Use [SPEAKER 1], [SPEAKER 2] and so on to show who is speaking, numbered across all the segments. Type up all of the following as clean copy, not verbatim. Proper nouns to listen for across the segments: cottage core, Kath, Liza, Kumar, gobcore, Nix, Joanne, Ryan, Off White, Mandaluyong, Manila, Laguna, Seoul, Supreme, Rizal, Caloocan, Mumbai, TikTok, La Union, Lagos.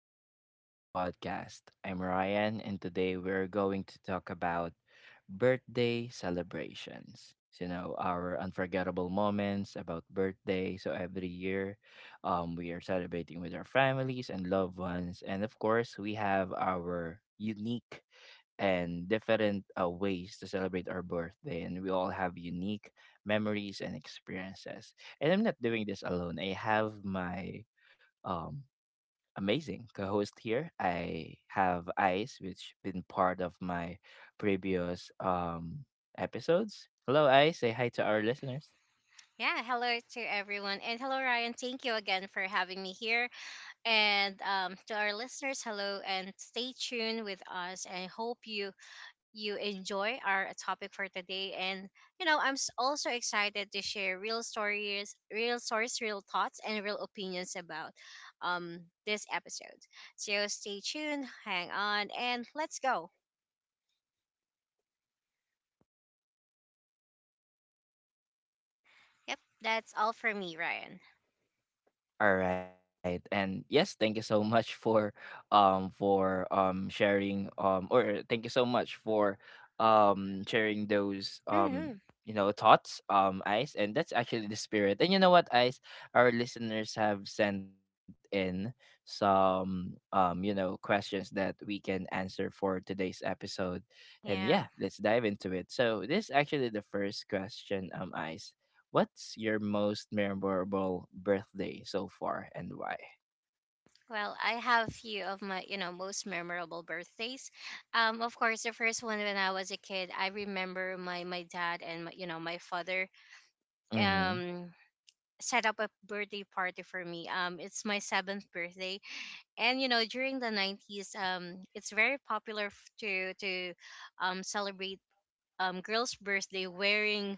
[SPEAKER 1] Welcome back to the podcast. I'm Ryan and today we're going to talk about birthday celebrations. Our unforgettable moments about birthday. So every year we are celebrating with our families and loved ones. And of course, we have our unique and different ways to celebrate our birthday and we all have unique memories and experiences. And I'm not doing this alone. I have my um amazing co-host here. I have Ice, which been part of my previous episodes. Hello, Ice. Say hi to our listeners.
[SPEAKER 2] Yeah, hello to everyone. And hello, Ryan. Thank you again for having me here. And to our listeners, hello and stay tuned with us. And hope you enjoy our topic for today. Also excited to share real stories, real stories, real thoughts, and real opinions about um, this episode. So stay tuned, hang on, and let's go. Yep, that's all for me, Ryan.
[SPEAKER 1] All right. And yes, thank you so much for sharing or thank you so much for sharing those
[SPEAKER 2] hmm
[SPEAKER 1] thoughts, Ice, and that's actually the spirit. And you know what, Ice, our listeners have sent in some questions that we can answer for today's episode. And yeah,
[SPEAKER 2] Yeah.
[SPEAKER 1] let's dive into it. So, this is actually the first question, Ice. What's your most memorable birthday so far and why?
[SPEAKER 2] Well, I have few of my, you know, most memorable birthdays. Of course, the first one when I was a kid, I remember my dad and my, my father
[SPEAKER 1] Mm-hmm.
[SPEAKER 2] um set up a birthday party for me. It's my seventh birthday, and you know during the nineties, it's very popular to celebrate girls' birthday wearing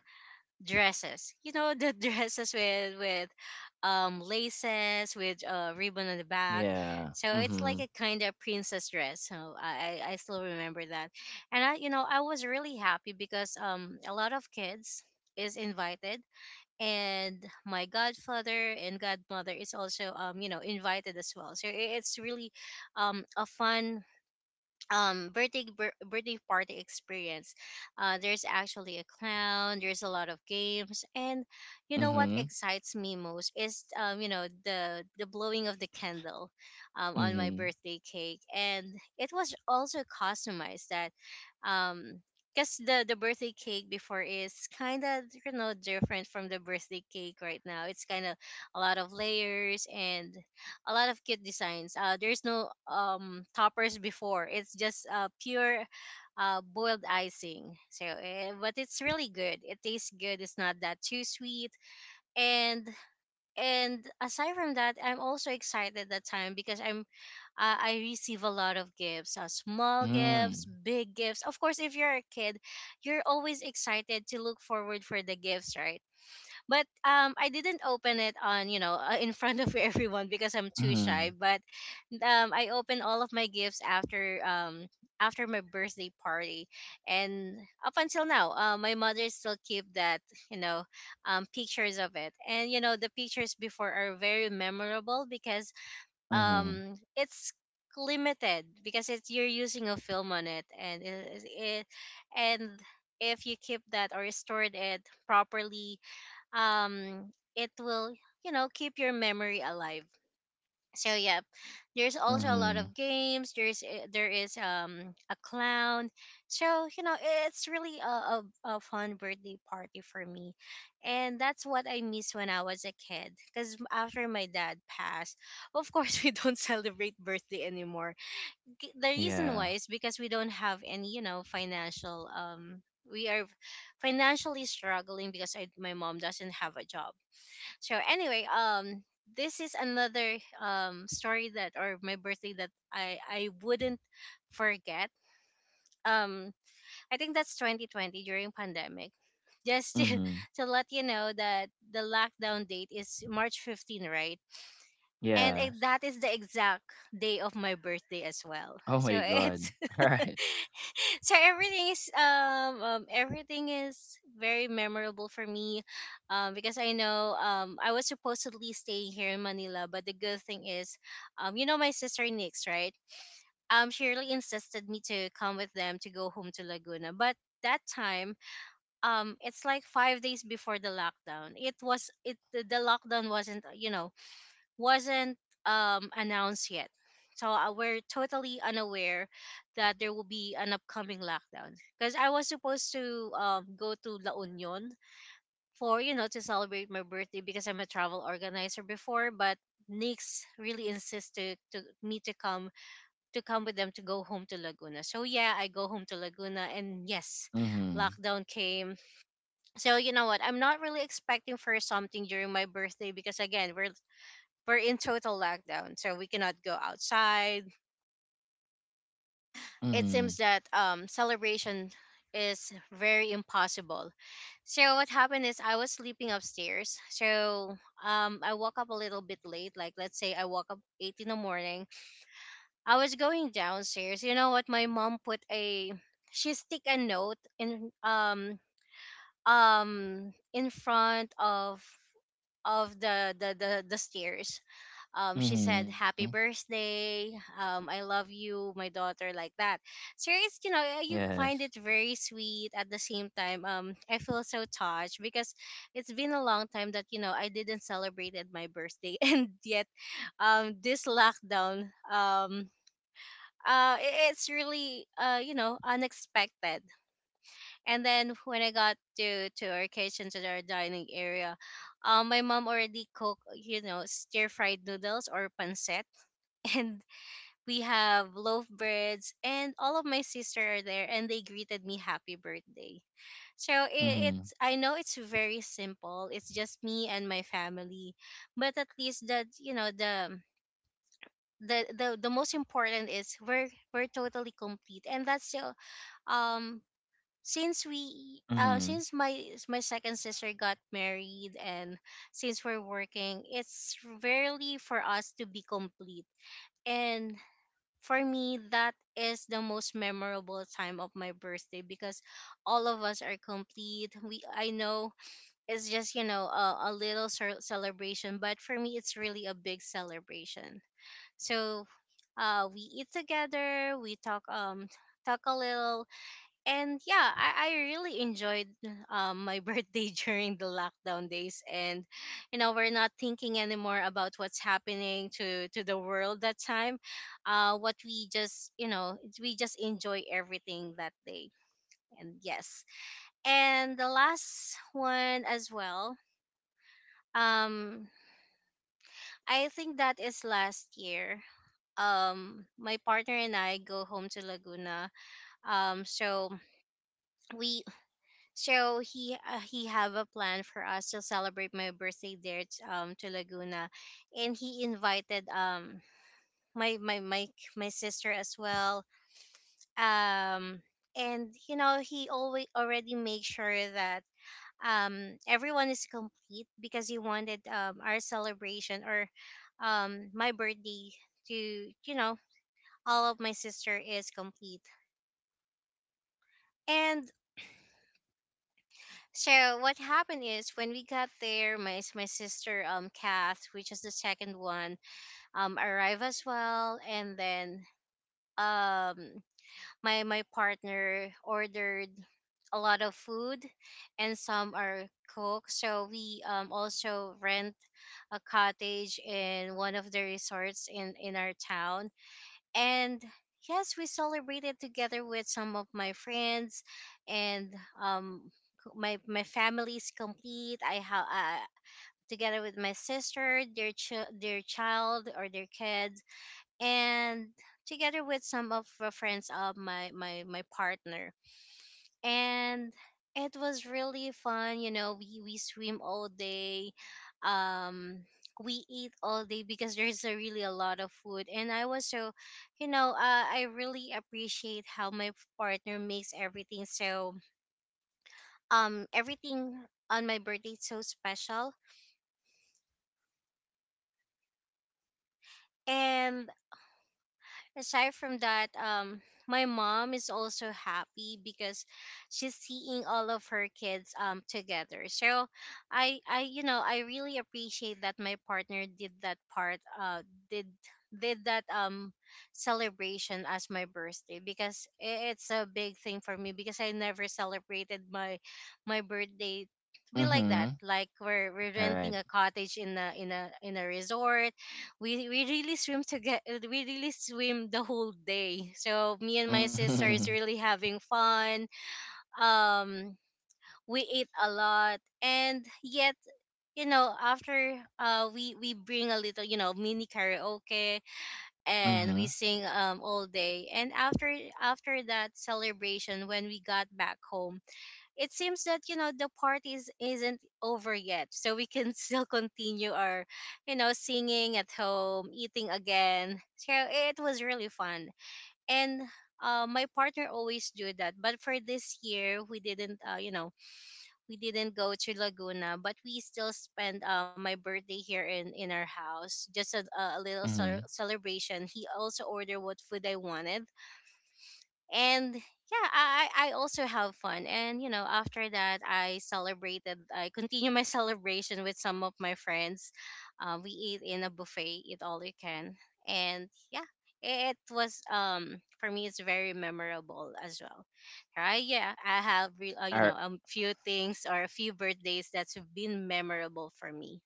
[SPEAKER 2] dresses. You know the dresses with laces with a ribbon on the back.
[SPEAKER 1] Yeah.
[SPEAKER 2] So it's like
[SPEAKER 1] Mm-hmm.
[SPEAKER 2] a kind of princess dress. So I still remember that. And I, I was really happy because a lot of kids is invited, and my godfather and godmother is also invited as well. It's really a fun birthday party experience. There's actually a clown, there's a lot of games, and you know what
[SPEAKER 1] Mm-hmm.
[SPEAKER 2] excites me most is the blowing of the candle on my
[SPEAKER 1] Mm-hmm.
[SPEAKER 2] birthday cake. And it was also customized that, um because the birthday cake before is kind of, you know, different from the birthday cake right now. It's kind of a lot of layers and a lot of cute designs. There's no toppers before. It's just pure boiled icing. So, but it's really good. It tastes good. It's not that too sweet. And and aside from that, I'm also excited that time because I receive a lot of gifts, small gifts,
[SPEAKER 1] Mm-hmm.
[SPEAKER 2] big gifts. Of course, if you're a kid, you're always excited to look forward for the gifts, right? But I didn't open it on, you know, in front of everyone because I'm too shy.
[SPEAKER 1] Mm-hmm.
[SPEAKER 2] But I opened all of my gifts after after my birthday party. And up until now, my mother still keep that, you know, pictures of it. And you know the pictures before are very memorable because
[SPEAKER 1] Mm-hmm.
[SPEAKER 2] it's limited, because it's, you're using a film on it, and and if you keep that or stored it properly, it will, you know, keep your memory alive. So yeah, there's
[SPEAKER 1] Mm-hmm.
[SPEAKER 2] also a lot of games, there is a clown. So, you know, it's really a fun birthday party for me. And that's what I miss when I was a kid, because after my dad passed, of course, we don't celebrate birthday anymore. The
[SPEAKER 1] Yeah.
[SPEAKER 2] reason why is because we don't have any, you know, financial, we are financially struggling because I, my mom doesn't have a job. So anyway, this is another story that, or my birthday that I wouldn't forget. Um, I think that's 2020 during pandemic. Just to,
[SPEAKER 1] Mm-hmm.
[SPEAKER 2] to let you know that the lockdown date is March 15, right? And I,
[SPEAKER 1] Yes.
[SPEAKER 2] that is the exact day of my birthday as well.
[SPEAKER 1] Oh
[SPEAKER 2] So
[SPEAKER 1] my god.
[SPEAKER 2] it's,
[SPEAKER 1] All right.
[SPEAKER 2] so everything is very memorable for me, because I know, I was supposedly staying here in Manila, but the good thing is, you know my sister Nix, right? She really insisted me to come with them to go home to Laguna, but that time, it's like 5 days before the lockdown. It was it, the lockdown wasn't, you know, wasn't announced yet. So we're totally unaware that there will be an upcoming lockdown. Because I was supposed to, go to La Union for, you know, to celebrate my birthday, because I'm a travel organizer before. But Nix really insisted to me to come, with them to go home to Laguna. So yeah, I go home to Laguna, and yes,
[SPEAKER 1] Mm-hmm.
[SPEAKER 2] lockdown came. So you know what? I'm not really expecting for something during my birthday because again, we're in total lockdown, so we cannot go outside. It
[SPEAKER 1] Mm-hmm.
[SPEAKER 2] seems that, celebration is very impossible. So what happened is I was sleeping upstairs. So I woke up a little bit late. Like let's say I woke up 8 in the morning. I was going downstairs. You know what? My mom put a she stick a note in front of the stairs. She
[SPEAKER 1] Mm-hmm.
[SPEAKER 2] said, happy birthday, I love you my daughter, like that. So it's, you know, you
[SPEAKER 1] Yes.
[SPEAKER 2] find it very sweet. At the same time, I feel so touched, because it's been a long time that, you know, I didn't celebrated my birthday. And yet this lockdown, it's really, you know, unexpected. And then when I got to our kitchen, to our dining area, my mom already cooked, you know, stir fried noodles or pancit. And we have lovebirds, and all of my sister are there, and they greeted me happy birthday. So it,
[SPEAKER 1] Mm-hmm.
[SPEAKER 2] it's I know it's very simple, it's just me and my family, but at least that, you know, the, the most important is we're totally complete. And that's the um
[SPEAKER 1] Mm-hmm.
[SPEAKER 2] since my second sister got married, and since we're working, it's rarely for us to be complete. And for me, that is the most memorable time of my birthday, because all of us are complete. We, I know it's just, you know, a little celebration, but for me it's really a big celebration. So
[SPEAKER 1] Mm-hmm.
[SPEAKER 2] we eat
[SPEAKER 1] All
[SPEAKER 2] together,
[SPEAKER 1] right.
[SPEAKER 2] we talk, talk a little.
[SPEAKER 1] Mm-hmm.
[SPEAKER 2] And yeah, I really enjoyed, my birthday during the lockdown days. And you know we're not thinking anymore about what's happening to the world that time. What we just you know We just enjoy everything that day, and yes, and the last one as well. Um, I think that is last year.
[SPEAKER 1] Mm-hmm.
[SPEAKER 2] My partner and I go home to Laguna. Um,
[SPEAKER 1] All right.
[SPEAKER 2] so we so he have a plan for us to celebrate my birthday there, to Laguna, and he invited my my my my sister as well. um and you know he always already made sure that everyone is complete, because he wanted our celebration, or my birthday to, you know, all of my sister is complete. And So what happened is when we got there, my sister Kath, which is the second one, arrived as well. And then um my partner ordered a lot of food, and some are cooked. So we also rent a cottage in one of the resorts in our town. And yes, we celebrated together with some of my friends. And um my family's complete. I have, together with my sister, their child or their kids, and together with some of the friends of my partner. And it was really fun, you know, we swim all day, um we eat all day, because there's a really a lot of food. And I was so, you know, I really appreciate how my partner makes everything so, everything on my birthday so special. And aside from that, my
[SPEAKER 1] Mhm,
[SPEAKER 2] mom is also happy because she's seeing all of her kids together. So I I really appreciate that my partner did that part, did did that celebration as my birthday because it's a big thing for me because I never celebrated my birthday to be like that,
[SPEAKER 1] mhm,
[SPEAKER 2] like we're renting a
[SPEAKER 1] alright.
[SPEAKER 2] cottage in a resort. We really swim together. We really swim the whole day, so me and my sister
[SPEAKER 1] Mhm,
[SPEAKER 2] is really having fun. um we eat a lot, and yet, after we bring a little, mini karaoke, and
[SPEAKER 1] mhm,
[SPEAKER 2] we sing all day. And after that celebration, when we got back home, it seems that, the party isn't over yet, so we can still continue our, singing at home, eating again. So it was really fun. And my partner always do that, but for this year, we didn't go to Laguna, but we still spent, my birthday here in our house, just a little
[SPEAKER 1] mhm.
[SPEAKER 2] celebration. He also ordered what food I wanted. And yeah, I also have fun, and after that, I continue my celebration with some of my friends. We eat in a buffet, eat all you can. And yeah, it was for me, it's very memorable as well. Right, yeah, I have
[SPEAKER 1] Ar
[SPEAKER 2] a few things or a few birthdays that's been memorable for me.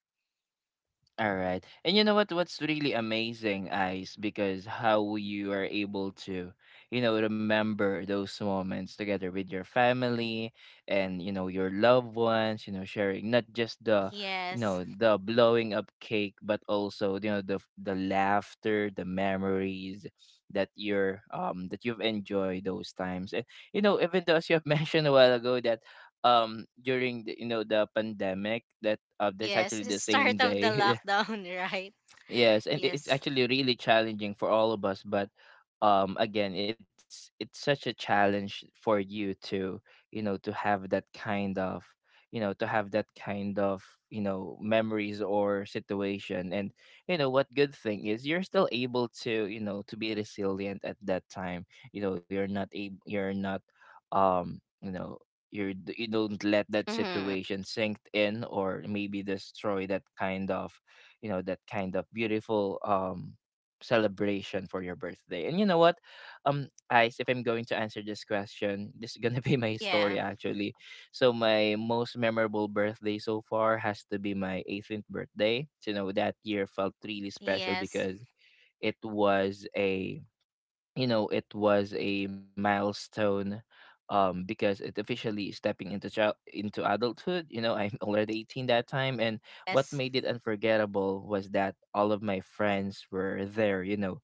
[SPEAKER 1] All right. And you know what, what's really amazing, Ice, because how you are able to, you know, remember those moments together with your family and, you know, your loved ones, you know, sharing not just the you
[SPEAKER 2] Yes.
[SPEAKER 1] know, the blowing up cake, but also, you know, the f- the laughter, the memories that you've enjoyed those times. And you know, even though as you have mentioned a while ago that during the, you know the pandemic that that's
[SPEAKER 2] Yes.
[SPEAKER 1] actually
[SPEAKER 2] It's
[SPEAKER 1] the same
[SPEAKER 2] start of the
[SPEAKER 1] day.
[SPEAKER 2] lockdown right.
[SPEAKER 1] Yes, and it's
[SPEAKER 2] Yes.
[SPEAKER 1] actually really challenging for all of us, but again, it's such a challenge for you to, you know, to have that kind of, you know, to have that kind of, you know, memories or situation. And you know, what good thing is you're still able to, you know, to be resilient at that time. You know, you're not you know, you don't let that
[SPEAKER 2] Mm-hmm.
[SPEAKER 1] situation sink in or maybe destroy that kind of you know that kind of beautiful celebration for your birthday. And you know what, Ice, if I'm going to answer this question, this is gonna be my
[SPEAKER 2] Yeah.
[SPEAKER 1] story actually. So my most memorable birthday so far has to be my 18th birthday. You know that year felt really special
[SPEAKER 2] Yes.
[SPEAKER 1] because it was a you know it was a milestone, because it officially stepping into child into adulthood. You know I'm already 18 that time. And what
[SPEAKER 2] Yes.
[SPEAKER 1] made it unforgettable was that all of my friends were there. You know,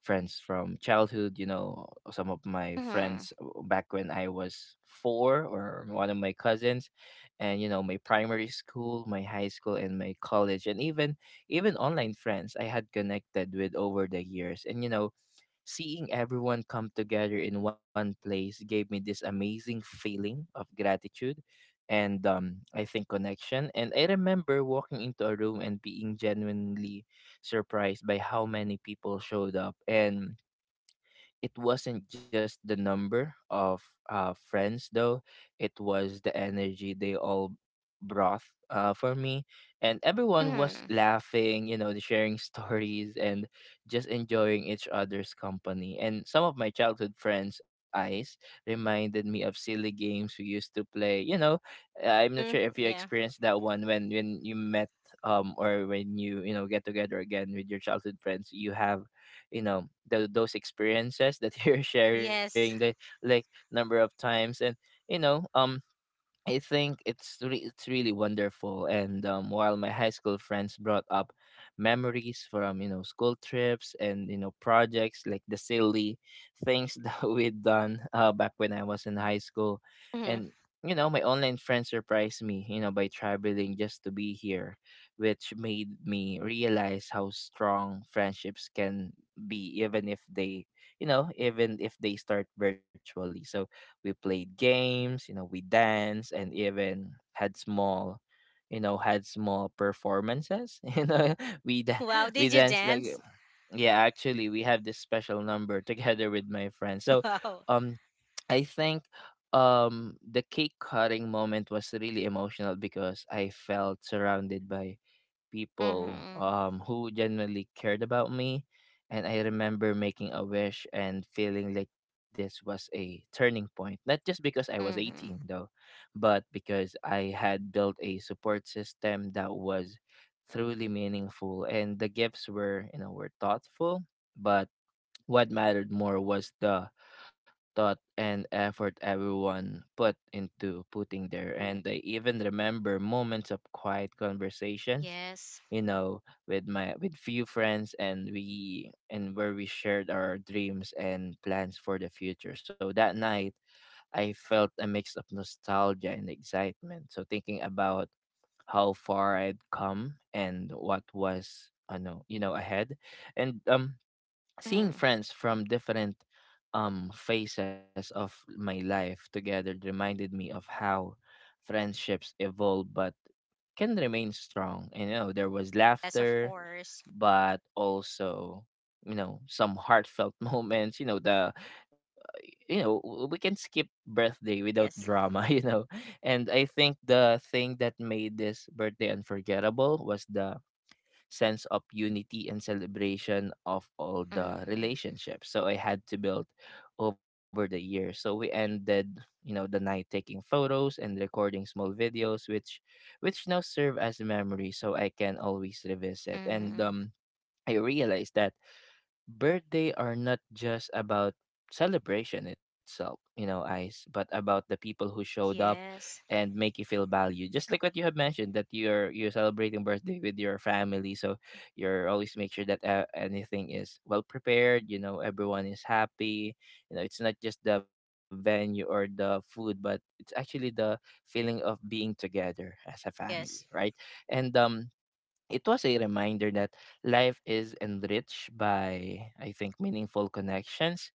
[SPEAKER 1] friends from childhood, you know, some of my
[SPEAKER 2] Mm-hmm.
[SPEAKER 1] friends back when I was 4, or one of my cousins, and you know my primary school, my high school and my college, and even online friends I had connected with over the years. And you know, seeing everyone come together in one place gave me this amazing feeling of gratitude and, I think, connection. And I remember walking into a room and being genuinely surprised by how many people showed up. And it wasn't just the number of friends, though. It was energy they all brought for me. And everyone was
[SPEAKER 2] Mm-hmm.
[SPEAKER 1] laughing, you know, sharing stories and just enjoying each other's company. And some of my childhood friends eyes reminded me of silly games we used to play. You know, I'm not
[SPEAKER 2] Mm.
[SPEAKER 1] sure if you
[SPEAKER 2] Yeah.
[SPEAKER 1] experienced that when you met or when you know, get together again with your childhood friends. You have you know the, those experiences that you're sharing the
[SPEAKER 2] Yes.
[SPEAKER 1] like number of times. And you know I think it's really wonderful. And while my high school friends brought up memories from you know school trips and you know projects like the silly things that we'd done back when I was in high school.
[SPEAKER 2] Hmm.
[SPEAKER 1] And you know my online friends surprised me, you know, by traveling just to be here, which made me realize how strong friendships can be even if they start virtually. So we played games, you know, we danced and even had small performances. You know, we da-
[SPEAKER 2] Wow.
[SPEAKER 1] we
[SPEAKER 2] Did you
[SPEAKER 1] danced
[SPEAKER 2] dance?
[SPEAKER 1] like, yeah actually we have this special number together with my friends. So
[SPEAKER 2] Wow.
[SPEAKER 1] um I think the cake cutting moment was really emotional because I felt surrounded by people,
[SPEAKER 2] Mm-hmm.
[SPEAKER 1] who genuinely cared about me. And I remember making a wish and feeling like this was a turning point. Not just because I was 18,
[SPEAKER 2] Mm-hmm.
[SPEAKER 1] though, but because I had built a support system that was truly meaningful. And the gifts were, you know, were thoughtful, but what mattered more was the thought and effort everyone put into putting there. And I even remember moments of quiet conversations,
[SPEAKER 2] Yes.
[SPEAKER 1] you know, with my with few friends and we and where we shared our dreams and plans for the future. So that night I felt a mix of nostalgia and excitement. So thinking about how far I'd come and what was I know, you know, ahead. And seeing
[SPEAKER 2] Mm-hmm.
[SPEAKER 1] friends from different phases of my life together reminded me of how friendships evolve but can remain strong. You know, there was
[SPEAKER 2] Yes, of
[SPEAKER 1] laughter,
[SPEAKER 2] course.
[SPEAKER 1] but also you know some heartfelt moments. You know the we can skip birthday without
[SPEAKER 2] Yes.
[SPEAKER 1] drama. You know, and I think the thing that made this birthday unforgettable was the sense of unity and celebration of all the
[SPEAKER 2] Mm-hmm.
[SPEAKER 1] relationships. So I had to build over the years. So we ended, you know, the night taking photos and recording small videos, which now serve as a memory so I can always revisit. And
[SPEAKER 2] Mm-hmm.
[SPEAKER 1] I realized that birthday are not just about celebration itself, you know, Ice, but about the people who showed up
[SPEAKER 2] Yes.
[SPEAKER 1] and make you feel valued. Just like what you have mentioned that you're celebrating birthday with your family, so you're always make sure that anything is well prepared. You know, everyone is happy. You know, it's not just the venue or the food, but it's actually the feeling of being together as a family, right?
[SPEAKER 2] Yes.
[SPEAKER 1] And it was a reminder that life is enriched by, I think, meaningful connections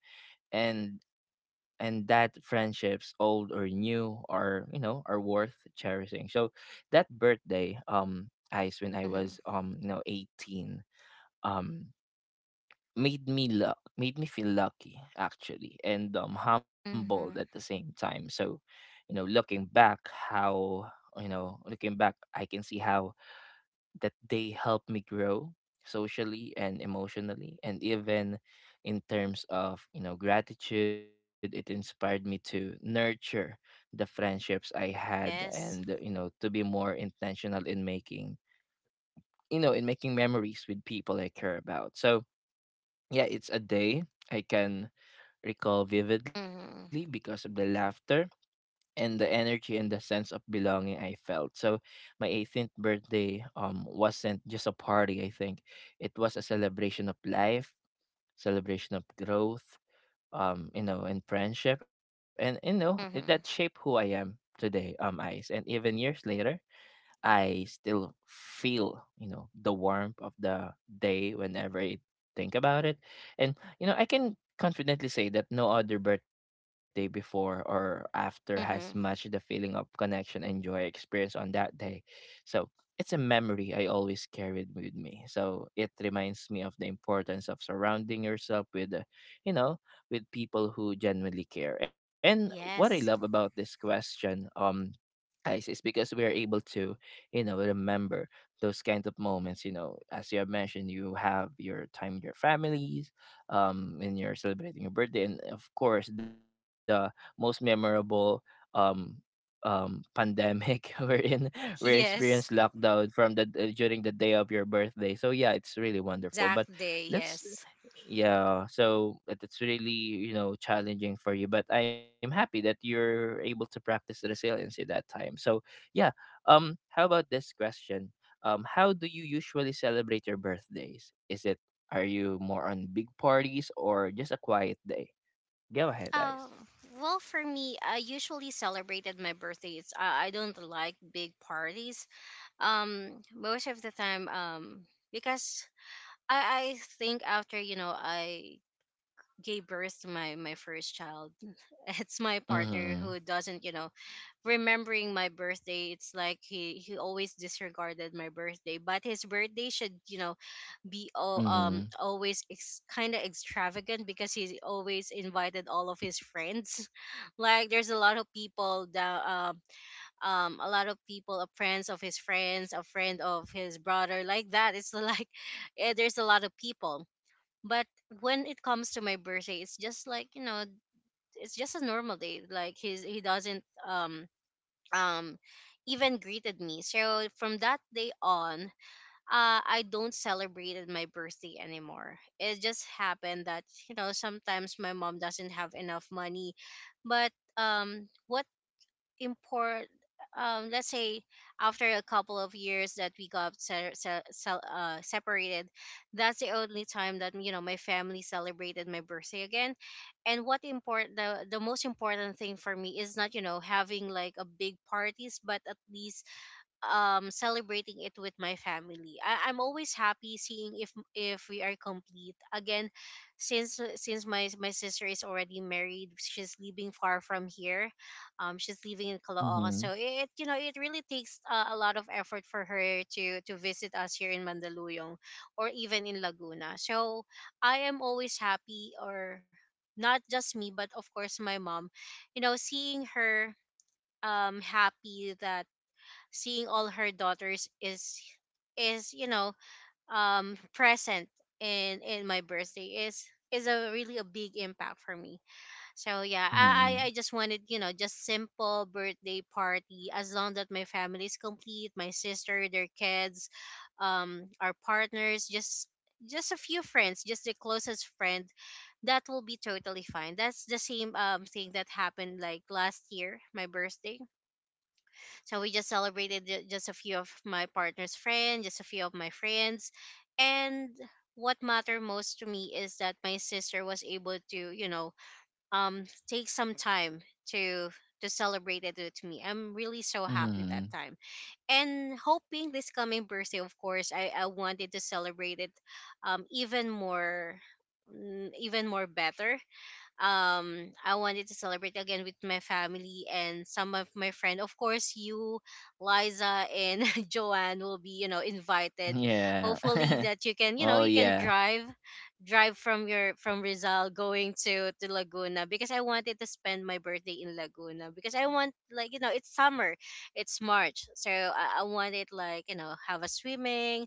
[SPEAKER 1] and that friendships, old or new, are you know are worth cherishing. So that birthday, Ice, when I
[SPEAKER 2] Mm-hmm.
[SPEAKER 1] was you know 18, um, made me feel lucky actually, and humbled at
[SPEAKER 2] Mm-hmm.
[SPEAKER 1] the same time. So, you know, looking back, how you know looking back, I can see how that they help me grow socially and emotionally and even in terms of you know gratitude. It inspired me to nurture the friendships I had and you
[SPEAKER 2] Yes.
[SPEAKER 1] know to be more intentional in making memories with people I care about. So yeah, it's a day I can recall vividly because
[SPEAKER 2] Mm-hmm.
[SPEAKER 1] of the laughter and the energy and the sense of belonging I felt. So my 18th birthday wasn't just a party, I think. It was a celebration of life, celebration of growth, you know, and friendship. And you know, that shaped
[SPEAKER 2] Mm-hmm.
[SPEAKER 1] who I am today, Ice. And even years later, I still feel, you know, the warmth of the day whenever I think about it. And, you know, I can confidently say that no other birthday before or after has matched the
[SPEAKER 2] Mm-hmm.
[SPEAKER 1] feeling of connection and joy I experienced on that day. So it's a memory I always carried with me. So it reminds me of the importance of surrounding yourself with, you know, with people who genuinely care. And what I love
[SPEAKER 2] Yes.
[SPEAKER 1] about this question, guys is because we are able to you know remember those kind of moments. You know, as you have mentioned, you have your time with your families when you're celebrating your birthday. And of course the most memorable um pandemic wherein we experienced
[SPEAKER 2] Yes.
[SPEAKER 1] lockdown from the during the day of your birthday. So yeah, it's really wonderful. But
[SPEAKER 2] Exact day.
[SPEAKER 1] let's
[SPEAKER 2] Yes.
[SPEAKER 1] yeah, so it's really you know challenging for you, but I'm happy that you're able to practice resilience at that time. So yeah, how about this question, how do you usually celebrate your birthdays? Is it, are you more on big parties or just a quiet day? Go ahead,
[SPEAKER 2] Oh,
[SPEAKER 1] guys.
[SPEAKER 2] well, for me, I usually celebrated my birthdays. I don't like big parties, most of the time, because I think, after I gave birth to my first child, it's my
[SPEAKER 1] Mm-hmm.
[SPEAKER 2] partner who doesn't, remembering my birthday. It's like he always disregarded my birthday. But his birthday should, be all,
[SPEAKER 1] Mm-hmm.
[SPEAKER 2] always kind of extravagant because he always invited all of his friends. Like there's a lot of people that, a lot of people, a friends of his friends, a friend of his brother, like that. It's like there's a lot of people. But when it comes to my birthday, it's just like, it's just a normal day. Like he doesn't, um even greeted me. So from that day on, I don't celebrate my birthday anymore. It just happened that, sometimes my mom doesn't have enough money. But what import let's say, after a couple of years that we got separated, that's the only time that, my family celebrated my birthday again. And what import the most important thing for me is not, having like a big parties, but at least, celebrating it with my family. I'm always happy seeing if we are complete again. Since my sister is already married, she's living far from here. She's living in
[SPEAKER 1] Mm-hmm.
[SPEAKER 2] Caloocan, so it you know it really takes, a lot of effort for her to visit us here in Mandaluyong, or even in Laguna. So I am always happy, or not just me but of course my mom, seeing her happy that, seeing all her daughters is, present in my birthday is a really a big impact for me. So yeah,
[SPEAKER 1] Mm-hmm.
[SPEAKER 2] I just wanted, just simple birthday party, as long that my family is complete: my sister, their kids, our partners, just a few friends, just the closest friend. That will be totally fine. That's the same thing that happened like last year my birthday. So we just celebrated, just a few of my partner's friends, just a few of my friends. And what mattered most to me is that my sister was able to, um, take some time to to celebrate it with me. I'm really so happy that
[SPEAKER 1] Mm-hmm.
[SPEAKER 2] time. And hoping this coming birthday, of course, I wanted to celebrate it, even more, even more better. I wanted to celebrate again with my family and some of my friend. Of course, you, Liza and Joanne will be, invited.
[SPEAKER 1] Yeah.
[SPEAKER 2] Hopefully that you can,
[SPEAKER 1] Well,
[SPEAKER 2] you can
[SPEAKER 1] yeah.
[SPEAKER 2] drive from Rizal going to Laguna, because I wanted to spend my birthday in Laguna because I want, like, it's summer. It's March. So I wanted, like, have a swimming,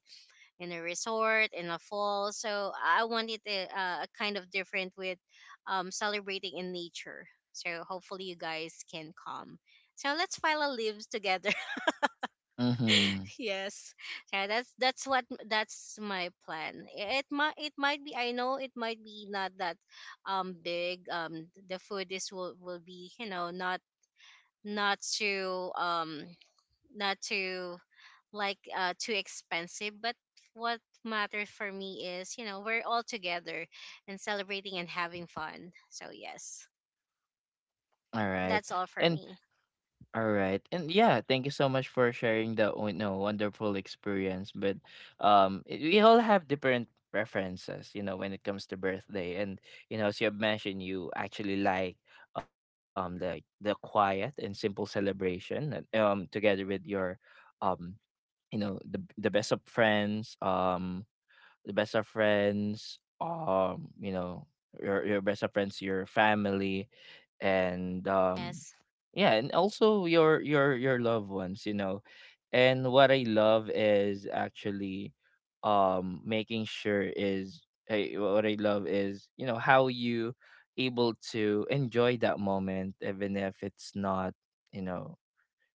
[SPEAKER 2] in a resort in a fall. So I wanted a kind of different with, celebrating in nature. So hopefully you guys can come. So let's file our leaves together.
[SPEAKER 1] Mm-hmm.
[SPEAKER 2] Yes. So that's my plan. It might be, I know, it might be not that big. The food is will be, not too um not too, like, too expensive. But what matters for me is, we're all together and celebrating and having fun. So yes,
[SPEAKER 1] All right.
[SPEAKER 2] that's all for
[SPEAKER 1] And
[SPEAKER 2] me.
[SPEAKER 1] all right. And yeah, thank you so much for sharing the you know wonderful experience. But it, we all have different preferences, you know, when it comes to birthday. And, as you have mentioned, you actually like the quiet and simple celebration that, together with your um the best of friends the best of friends, you know, your best of friends, your family, and
[SPEAKER 2] Yes.
[SPEAKER 1] yeah, and also your loved ones, you know. And what I love is actually making sure is eh, what I love is you know how you able to enjoy that moment even if it's not you know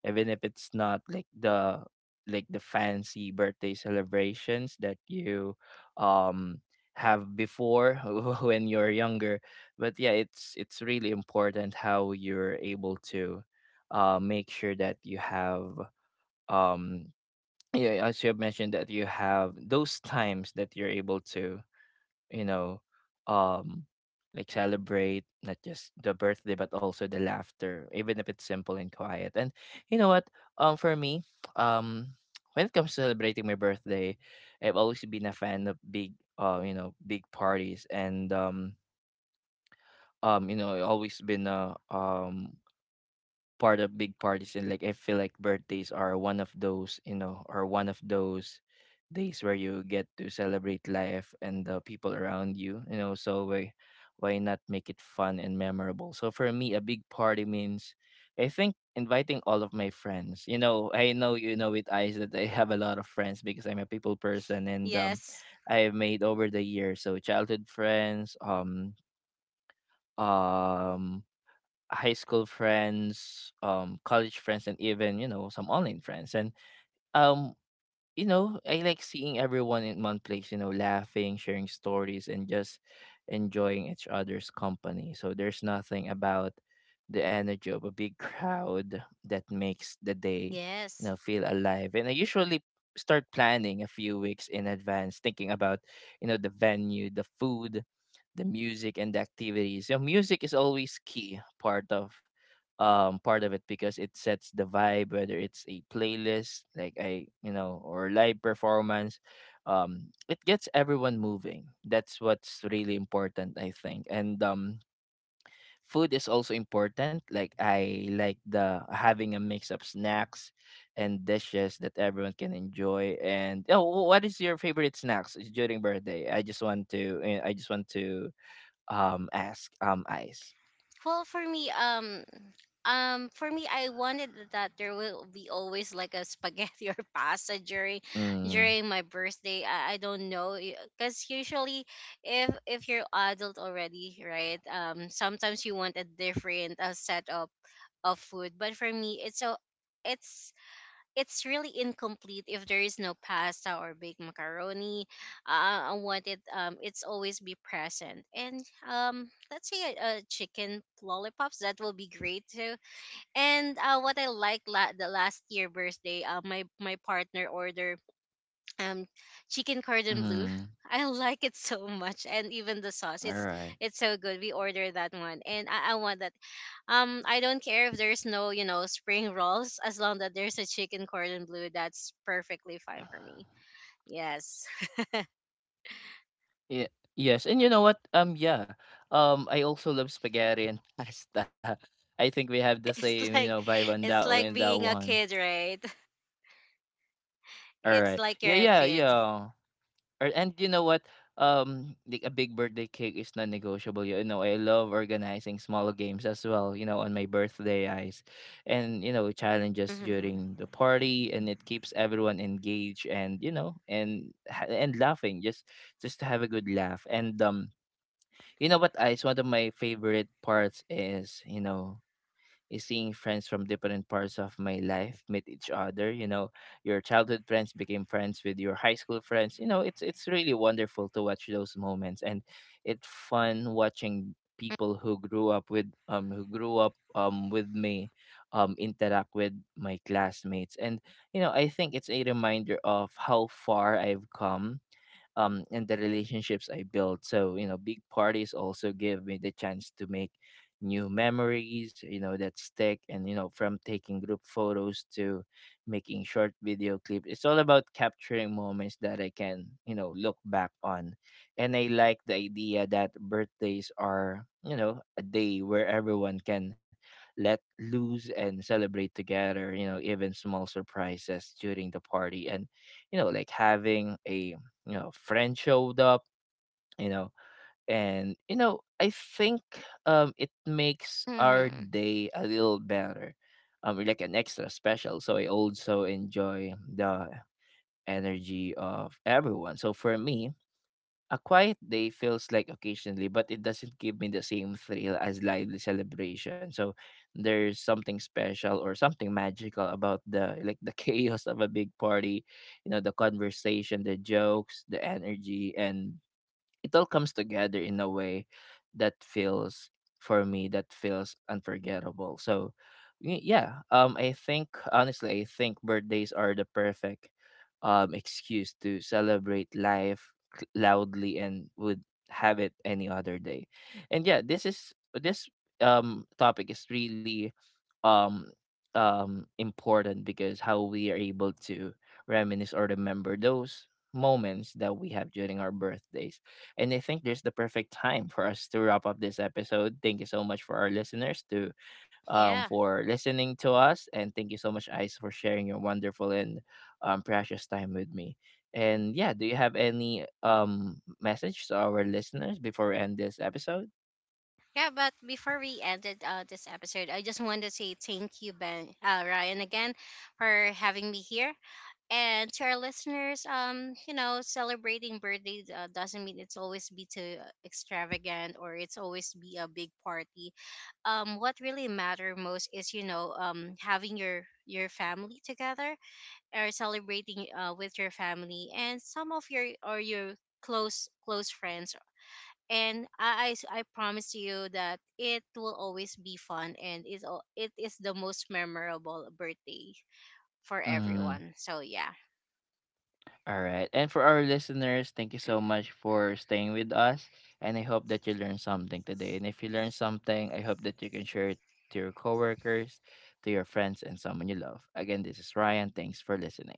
[SPEAKER 1] even if it's not like the fancy birthday celebrations that you um have before when you're younger. But yeah, it's really important how you're able to make sure that you have um yeah, as you have mentioned, that you have those times that you're able to, you know, um like celebrate not just the birthday but also the laughter, even if it's simple and quiet. And you know what? For me, um when it comes to celebrating my birthday, I've always been a fan of big you know, big parties. And You know, I always been a part of big parties, and like I feel like birthdays are one of those, you know, or one of those days where you get to celebrate life and the people around you, you know. So why not make it fun and memorable? So for me, a big party means I think inviting all of my friends. You know, I know you know with eyes that I have a lot of friends because I'm a people person and
[SPEAKER 2] Yes.
[SPEAKER 1] I have made over the years. So childhood friends, um high school friends, college friends, and even, you know, some online friends. And um, you know, I like seeing everyone in one place. You know, laughing, sharing stories, and just enjoying each other's company. So there's nothing about the energy of a big crowd that makes the day, you
[SPEAKER 2] Yes.
[SPEAKER 1] know, feel alive. And I usually start planning a few weeks in advance, thinking about, you know, the venue, the food, the music and the activities. So music is always key part of it because it sets the vibe, whether it's a playlist like I, you know, or live performance. um it gets everyone moving. That's what's really important I think. And Food is also important. Like I like the having a mix of snacks and dishes that everyone can enjoy. And oh, what is your favorite snacks during birthday? I just want to, I just want to ask, Ice.
[SPEAKER 2] Well, for me, I wanted that there will be always like a spaghetti or pasta
[SPEAKER 1] Mm,
[SPEAKER 2] during my birthday. I don't know, because usually, if you're adult already, right? Sometimes you want a different, set of food, but for me, it's it's really incomplete if there is no pasta or baked macaroni. I want it. It's always be present. And let's say a chicken lollipops that will be great too. And what I like the last year birthday, my partner ordered um chicken cordon bleu.
[SPEAKER 1] mm,
[SPEAKER 2] I like it so much, and even the sauce,
[SPEAKER 1] all
[SPEAKER 2] it's
[SPEAKER 1] right.
[SPEAKER 2] it's so good. We order that one, and I want that. I don't care if there's no, spring rolls, as long that there's a chicken cordon bleu. That's perfectly fine for me. Yes.
[SPEAKER 1] Yeah. Yes, and you know what? Yeah. I also love spaghetti and pasta. I think we have the same, you
[SPEAKER 2] it's
[SPEAKER 1] know,
[SPEAKER 2] like
[SPEAKER 1] vibe on that
[SPEAKER 2] it's
[SPEAKER 1] o- in
[SPEAKER 2] like
[SPEAKER 1] that
[SPEAKER 2] being a
[SPEAKER 1] one.
[SPEAKER 2] kid, right?
[SPEAKER 1] All
[SPEAKER 2] It's
[SPEAKER 1] right.
[SPEAKER 2] like
[SPEAKER 1] Yeah,
[SPEAKER 2] you're a
[SPEAKER 1] yeah,
[SPEAKER 2] kid.
[SPEAKER 1] yeah. Or and you know what? Like a big birthday cake is non-negotiable. You know, I love organizing small games as well. You know, on my birthday, eyes, and you know, challenges
[SPEAKER 2] Hmm.
[SPEAKER 1] during the party, and it keeps everyone engaged and, you know, and and laughing. Just to have a good laugh and You know what, Ice? One of my favorite parts is, you know, is seeing friends from different parts of my life meet each other. You know, your childhood friends became friends with your high school friends. You know, it's really wonderful to watch those moments. And it's fun watching people who grew up with me interact with my classmates. And you know, I think it's a reminder of how far I've come, and the relationships I built. So, you know, big parties also give me the chance to make new memories, you know, that stick. And, you know, from taking group photos to making short video clips, it's all about capturing moments that I can, you know, look back on. And I like the idea that birthdays are, you know, a day where everyone can let loose and celebrate together, you know, even small surprises during the party. And, you know, like having a, you know, friend showed up, you know. And you know, I think it makes our
[SPEAKER 2] Hmm.
[SPEAKER 1] day a little better, like an extra special. So I also enjoy the energy of everyone. So for me, a quiet day feels like occasionally, but it doesn't give me the same thrill as lively celebration. So there's something special or something magical about the chaos of a big party, you know, the conversation, the jokes, the energy. And it all comes together in a way that feels for me that feels unforgettable. So yeah, I think honestly I think birthdays are the perfect excuse to celebrate life, loudly, and would have it any other day. And yeah, this is this topic is really um important because how we are able to reminisce or remember those moments that we have during our birthdays. And I think there's the perfect time for us to wrap up this episode. Thank you so much for our listeners to,
[SPEAKER 2] Yeah.
[SPEAKER 1] for listening to us. And thank you so much, Ice, for sharing your wonderful and precious time with me. And yeah, do you have any message to our listeners before we end this episode?
[SPEAKER 2] Yeah, but before we ended, this episode, I just wanted to say thank you, Ben, Ryan, again for having me here. And to our listeners, celebrating birthday, doesn't mean it's always be too extravagant or it's always be a big party. What really matter most is, having your family together, or celebrating, with your family and some of your, or your close friends. And I promise you that it will always be fun, and it is the most memorable birthday for
[SPEAKER 1] Mm.
[SPEAKER 2] everyone. So yeah.
[SPEAKER 1] All right. And for our listeners, thank you so much for staying with us. And I hope that you learned something today. And if you learned something, I hope that you can share it to your coworkers, to your friends, and someone you love. Again, this is Ryan. Thanks for listening.